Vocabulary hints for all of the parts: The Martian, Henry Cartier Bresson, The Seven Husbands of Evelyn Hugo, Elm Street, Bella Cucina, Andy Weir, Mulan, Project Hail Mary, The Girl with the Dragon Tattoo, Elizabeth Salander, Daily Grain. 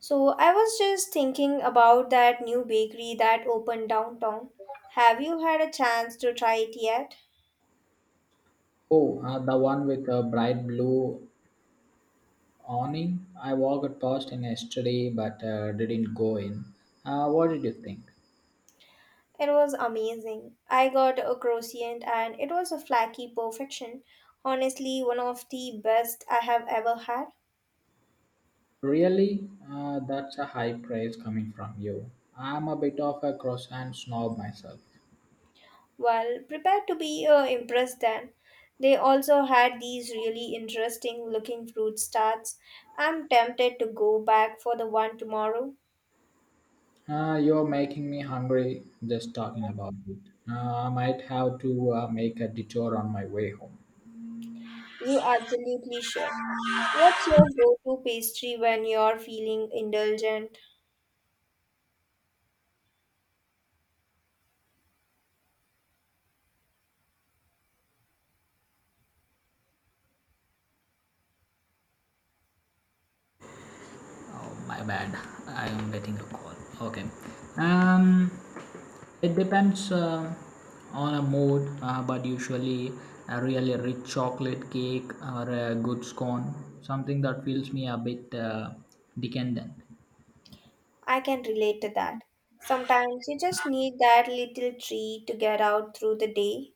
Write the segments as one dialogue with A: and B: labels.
A: So I was just thinking about that new bakery that opened downtown. Have you had a chance to try it yet?
B: Oh, the one with a bright blue awning. I walked past it yesterday but didn't go in. What did you think?
A: It was amazing. I got a croissant and it was a flaky perfection. Honestly, one of the best I have ever had.
B: Really? That's a high praise coming from you. I'm a bit of a croissant snob myself.
A: Well, prepared to be impressed then. They also had these really interesting looking fruit tarts. I'm tempted to go back for the one tomorrow.
B: You're making me hungry just talking about it. I might have to make a detour on my way home.
A: You absolutely should. What's your go-to pastry when you're feeling indulgent?
B: Oh, my bad. I am getting a call. Okay. Um, it depends on a mood, but usually a really rich chocolate cake or a good scone, something that feels me a bit decadent.
A: I can relate to that. Sometimes you just need that little treat to get out through the day.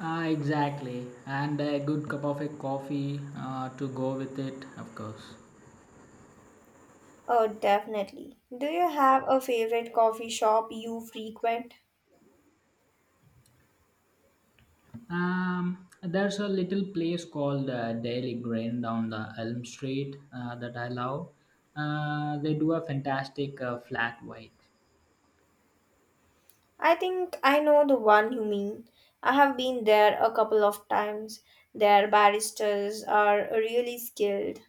B: Ah, exactly. And a good cup of a coffee to go with it, of course.
A: Oh, definitely. Do you have a favorite coffee shop you frequent?
B: There's a little place called Daily Grain down the Elm Street that I love. They do a fantastic flat white.
A: I think I know the one you mean. I have been there a couple of times. Their baristas are really skilled.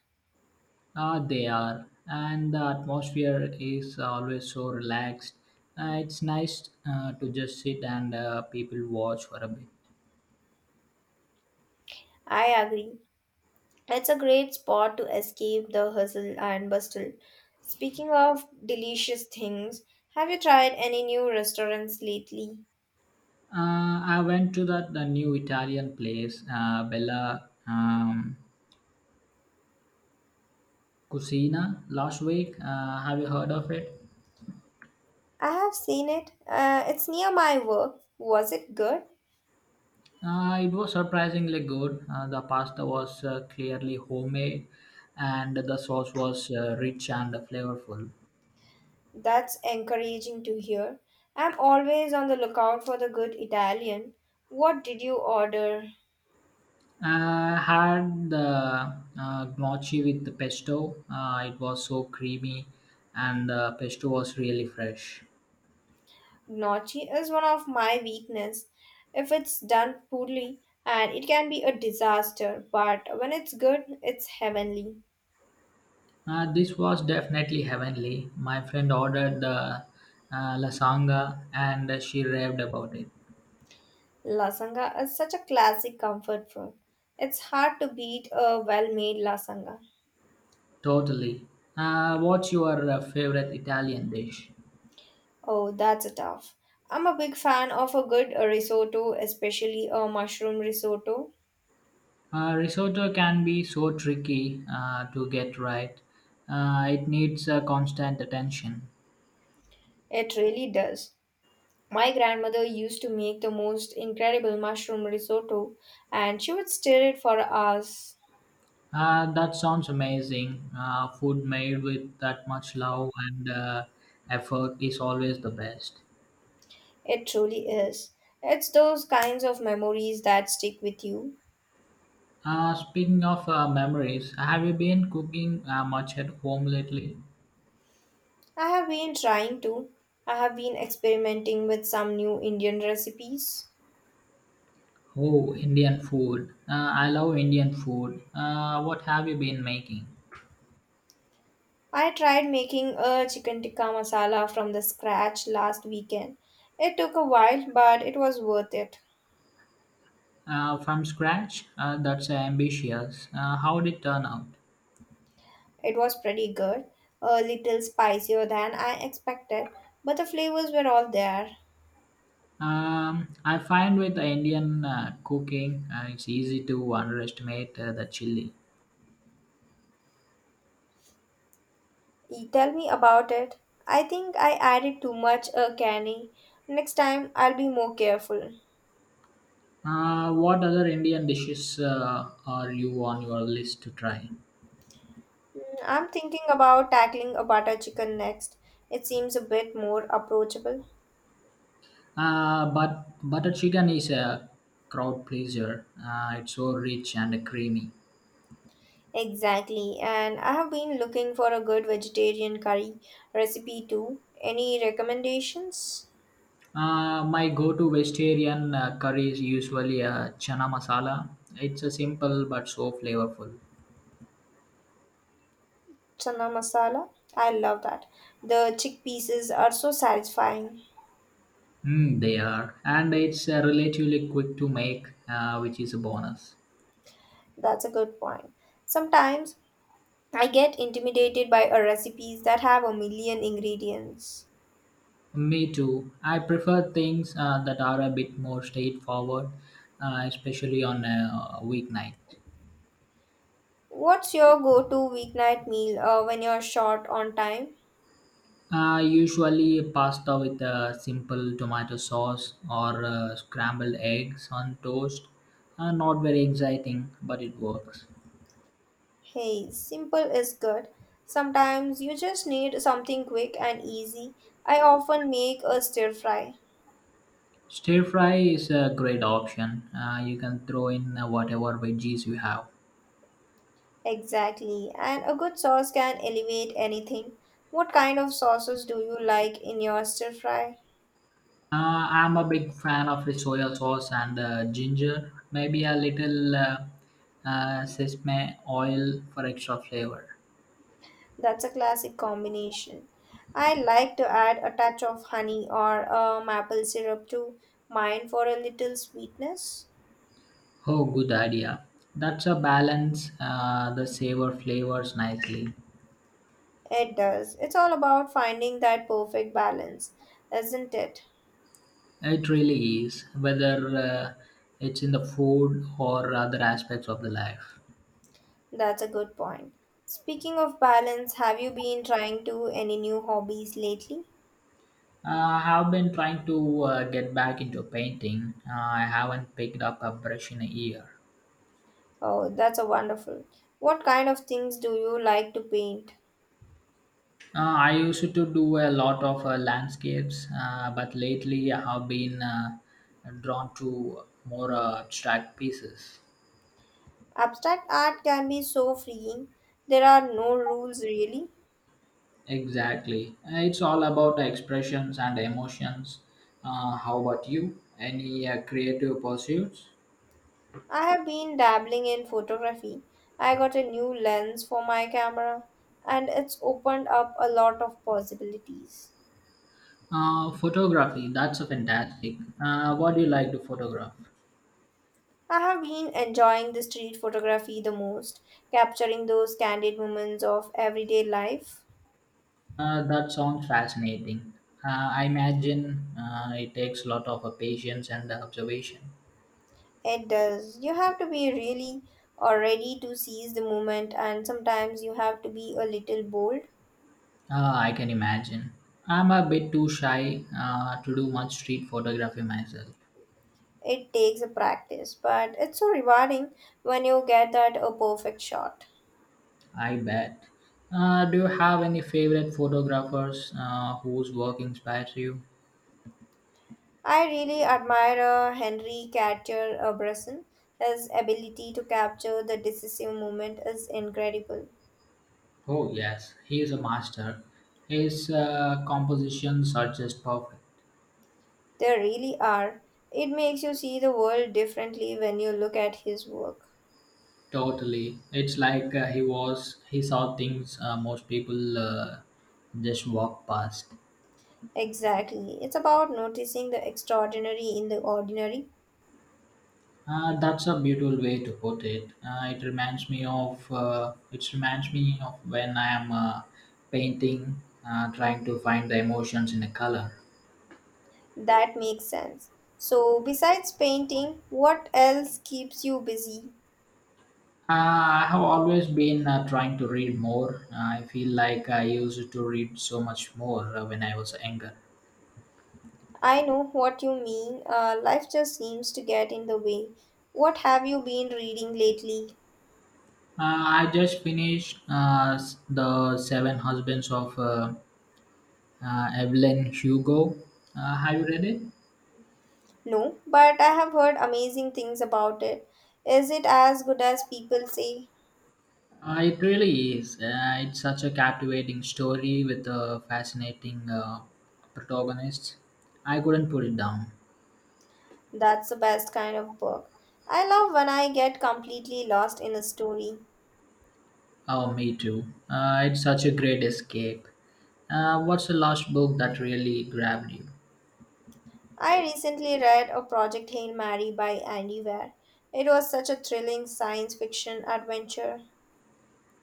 B: They are, and the atmosphere is always so relaxed. It's nice to just sit and people watch for a bit.
A: I agree. It's a great spot to escape the hustle and bustle. Speaking of delicious things, have you tried any new restaurants lately?
B: I went to that the new Italian place, Bella Cucina, last week. Have you heard of it?
A: I have seen it. It's near my work. Was it good?
B: It was surprisingly good. The pasta was clearly homemade, and the sauce was rich and flavorful.
A: That's encouraging to hear. I'm always on the lookout for the good Italian. What did you order?
B: I had the gnocchi with the pesto. It was so creamy, and the pesto was really fresh.
A: Gnocchi is one of my weakness. If it's done poorly, and it can be a disaster, but when it's good, it's heavenly.
B: This was definitely heavenly. My friend ordered the lasagna, and she raved about it.
A: Lasanga is such a classic comfort food. It's hard to beat a well-made lasanga.
B: Totally. What's your favorite Italian dish?
A: Oh, that's a tough. I'm a big fan of a good risotto, especially a mushroom risotto.
B: Risotto can be so tricky to get right. It needs constant attention.
A: It really does. My grandmother used to make the most incredible mushroom risotto, and she would stir it for hours.
B: That sounds amazing. Food made with that much love and effort is always the best.
A: It truly is. It's those kinds of memories that stick with you.
B: Speaking of memories, have you been cooking much at home lately?
A: I have been trying to. I have been experimenting with some new Indian recipes.
B: Oh, Indian food. I love Indian food. What have you been making?
A: I tried making a chicken tikka masala from the scratch last weekend. It took a while, but it was worth it.
B: From scratch? That's ambitious. How did it turn out?
A: It was pretty good, a little spicier than I expected, but the flavors were all there.
B: I find with the Indian cooking, it's easy to underestimate the chili.
A: You tell me about it. I think I added too much a canny. Next time I'll be more careful.
B: What other Indian dishes are you on your list to try?
A: I'm thinking about tackling a butter chicken next. It seems a bit more approachable.
B: But butter chicken is a crowd pleaser. It's so rich and creamy.
A: Exactly, and I have been looking for a good vegetarian curry recipe too. Any recommendations?
B: My go-to vegetarian curry is usually a chana masala. It's a simple but so flavorful.
A: Chana masala? I love that. The chickpeas are so satisfying.
B: Mm, they are, and it's relatively quick to make, which is a bonus.
A: That's a good point. Sometimes I get intimidated by a recipes that have a million ingredients.
B: Me too. I prefer things that are a bit more straightforward, especially on a weeknight.
A: What's your go-to weeknight meal when you're short on time?
B: I usually pasta with a simple tomato sauce or scrambled eggs on toast. Not very exciting, but it works.
A: Hey, simple is good. Sometimes you just need something quick and easy. I often make a stir fry.
B: Stir fry is a great option. You can throw in whatever veggies you have.
A: Exactly, and a good sauce can elevate anything. What kind of sauces do you like in your stir fry?
B: I'm a big fan of the soya sauce and ginger. Maybe a little sesame oil for extra flavor.
A: That's a classic combination. I like to add a touch of honey or a maple syrup to mine for a little sweetness.
B: Oh, good idea. That's a balance the savor flavors nicely.
A: It does. It's all about finding that perfect balance, isn't it?
B: It really is, whether it's in the food or other aspects of the life.
A: That's a good point. Speaking of balance, have you been trying to any new hobbies lately?
B: I have been trying to get back into painting. I haven't picked up a brush in a year.
A: Oh, that's a wonderful. What kind of things do you like to paint?
B: I used to do a lot of landscapes, but lately I have been drawn to more abstract pieces.
A: Abstract art can be so freeing. There are no rules really.
B: Exactly. It's all about expressions and emotions. How about you? Any creative pursuits?
A: I have been dabbling in photography. I got a new lens for my camera and it's opened up a lot of possibilities.
B: Photography, that's a fantastic. What do you like to photograph?
A: I have been enjoying the street photography the most, capturing those candid moments of everyday life.
B: That sounds fascinating. I imagine it takes a lot of patience and observation.
A: It does. You have to be really or ready to seize the moment, and sometimes you have to be a little bold.
B: Ah, I can imagine. I'm a bit too shy to do much street photography myself.
A: It takes a practice, but it's so rewarding when you get that a perfect shot.
B: I bet. Do you have any favorite photographers whose work inspires you?
A: I really admire Henry Cartier Bresson. His ability to capture the decisive moment is incredible.
B: Oh, yes, he is a master. His compositions are just perfect.
A: They really are. It makes you see the world differently when you look at his work.
B: Totally. It's like he saw things most people just walk past.
A: Exactly. It's about noticing the extraordinary in the ordinary.
B: That's a beautiful way to put it. It reminds me of when I am painting, trying to find the emotions in a color.
A: That makes sense. So, besides painting, what else keeps you busy?
B: Uh, I have always been trying to read more. I feel like I used to read so much more when I was younger.
A: I know what you mean. Life just seems to get in the way. What have you been reading lately?
B: I just finished the Seven Husbands of Evelyn Hugo. Have you read it?
A: No, but I have heard amazing things about it. Is it as good as people say?
B: It really is. It's such a captivating story with a fascinating protagonist. I couldn't put it down.
A: That's the best kind of book. I love when I get completely lost in a story.
B: Oh, me too. It's such a great escape. What's the last book that really grabbed you?
A: I recently read A Project Hail Mary by Andy Weir. It was such a thrilling science fiction adventure.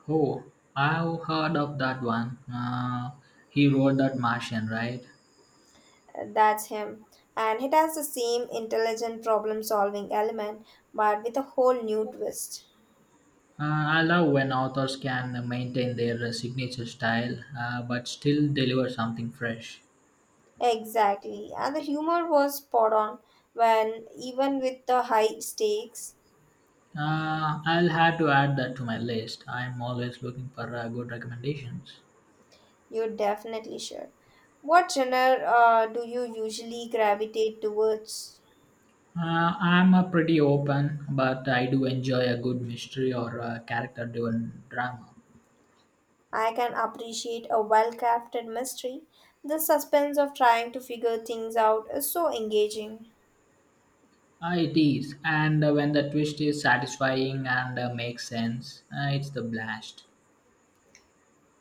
B: Oh, I've heard of that one. He wrote that Martian, right?
A: That's him. And it has the same intelligent problem solving element, but with a whole new twist.
B: I love when authors can maintain their signature style but still deliver something fresh.
A: Exactly. And the humor was spot on when, even with the high stakes,
B: I'll have to add that to my list. I'm always looking for good recommendations.
A: you're definitely sure. What genre do you usually gravitate towards?
B: I'm a pretty open, but I do enjoy a good mystery or a character-driven drama.
A: I can appreciate a well crafted mystery. The suspense of trying to figure things out is so engaging.
B: It is, and when the twist is satisfying and makes sense, it's the blast.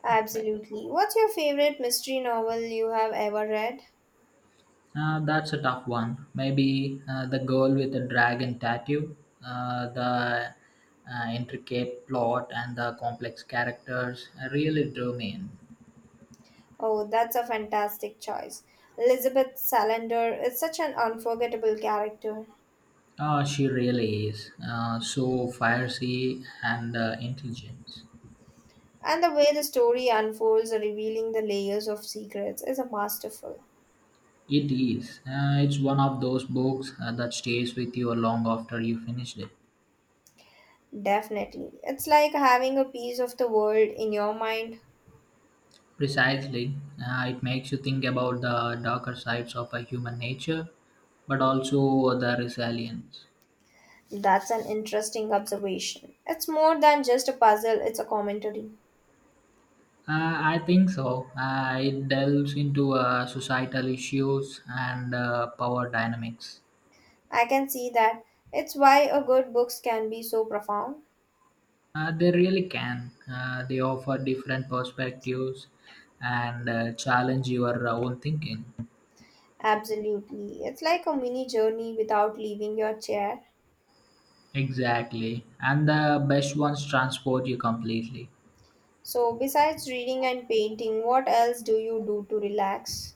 A: Absolutely. What's your favorite mystery novel you have ever read?
B: That's a tough one. Maybe the girl with the dragon tattoo, the intricate plot, and the complex characters really drew me in.
A: Oh, that's a fantastic choice. Elizabeth Salander is such an unforgettable character,
B: She really is. So fiery and intelligent.
A: and the way the story unfolds, revealing the layers of secrets, is a masterful.
B: It is. It's one of those books that stays with you long after you finished it.
A: Definitely. It's like having a piece of the world in your mind.
B: Precisely. It makes you think about the darker sides of a human nature, but also the resilience.
A: That's an interesting observation. It's more than just a puzzle, it's a commentary.
B: I think so. It delves into societal issues and power dynamics.
A: I can see that. It's why a good books can be so profound.
B: They really can. They offer different perspectives and challenge your own thinking.
A: Absolutely. It's like a mini journey without leaving your chair.
B: Exactly. And the best ones transport you completely.
A: So, besides reading and painting, what else do you do to relax?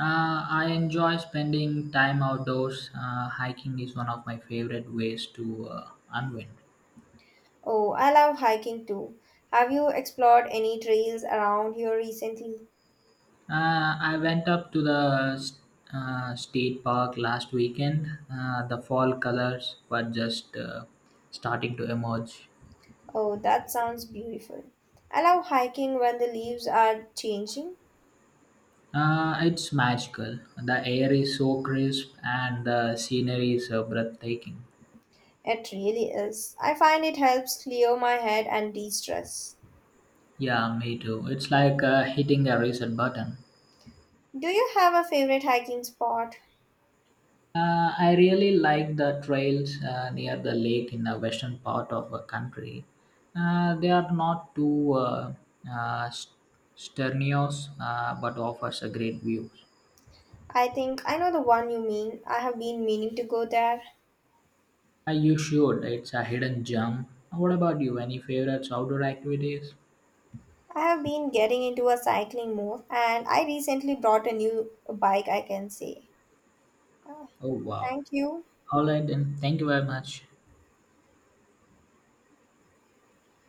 B: I enjoy spending time outdoors. Hiking is one of my favorite ways to unwind.
A: Oh, I love hiking too. Have you explored any trails around here recently?
B: I went up to the state park last weekend. The fall colors were just starting to emerge.
A: Oh, that sounds beautiful. I love hiking when the leaves are changing.
B: It's magical. The air is so crisp and the scenery is breathtaking.
A: It really is. I find it helps clear my head and de stress.
B: Yeah, me too. It's like hitting a reset button.
A: Do you have a favorite hiking spot?
B: I really like the trails near the lake in the western part of the country. They are not too uh, st- strenuous but offers a great view.
A: I think I know the one you mean. I have been meaning to go there.
B: You should. It's a hidden gem. What about you? Any favorites outdoor activities?
A: I have been getting into a cycling more and I recently bought a new bike, I can say. Ah,
B: Oh, wow.
A: thank you.
B: All right, then. Thank you very much.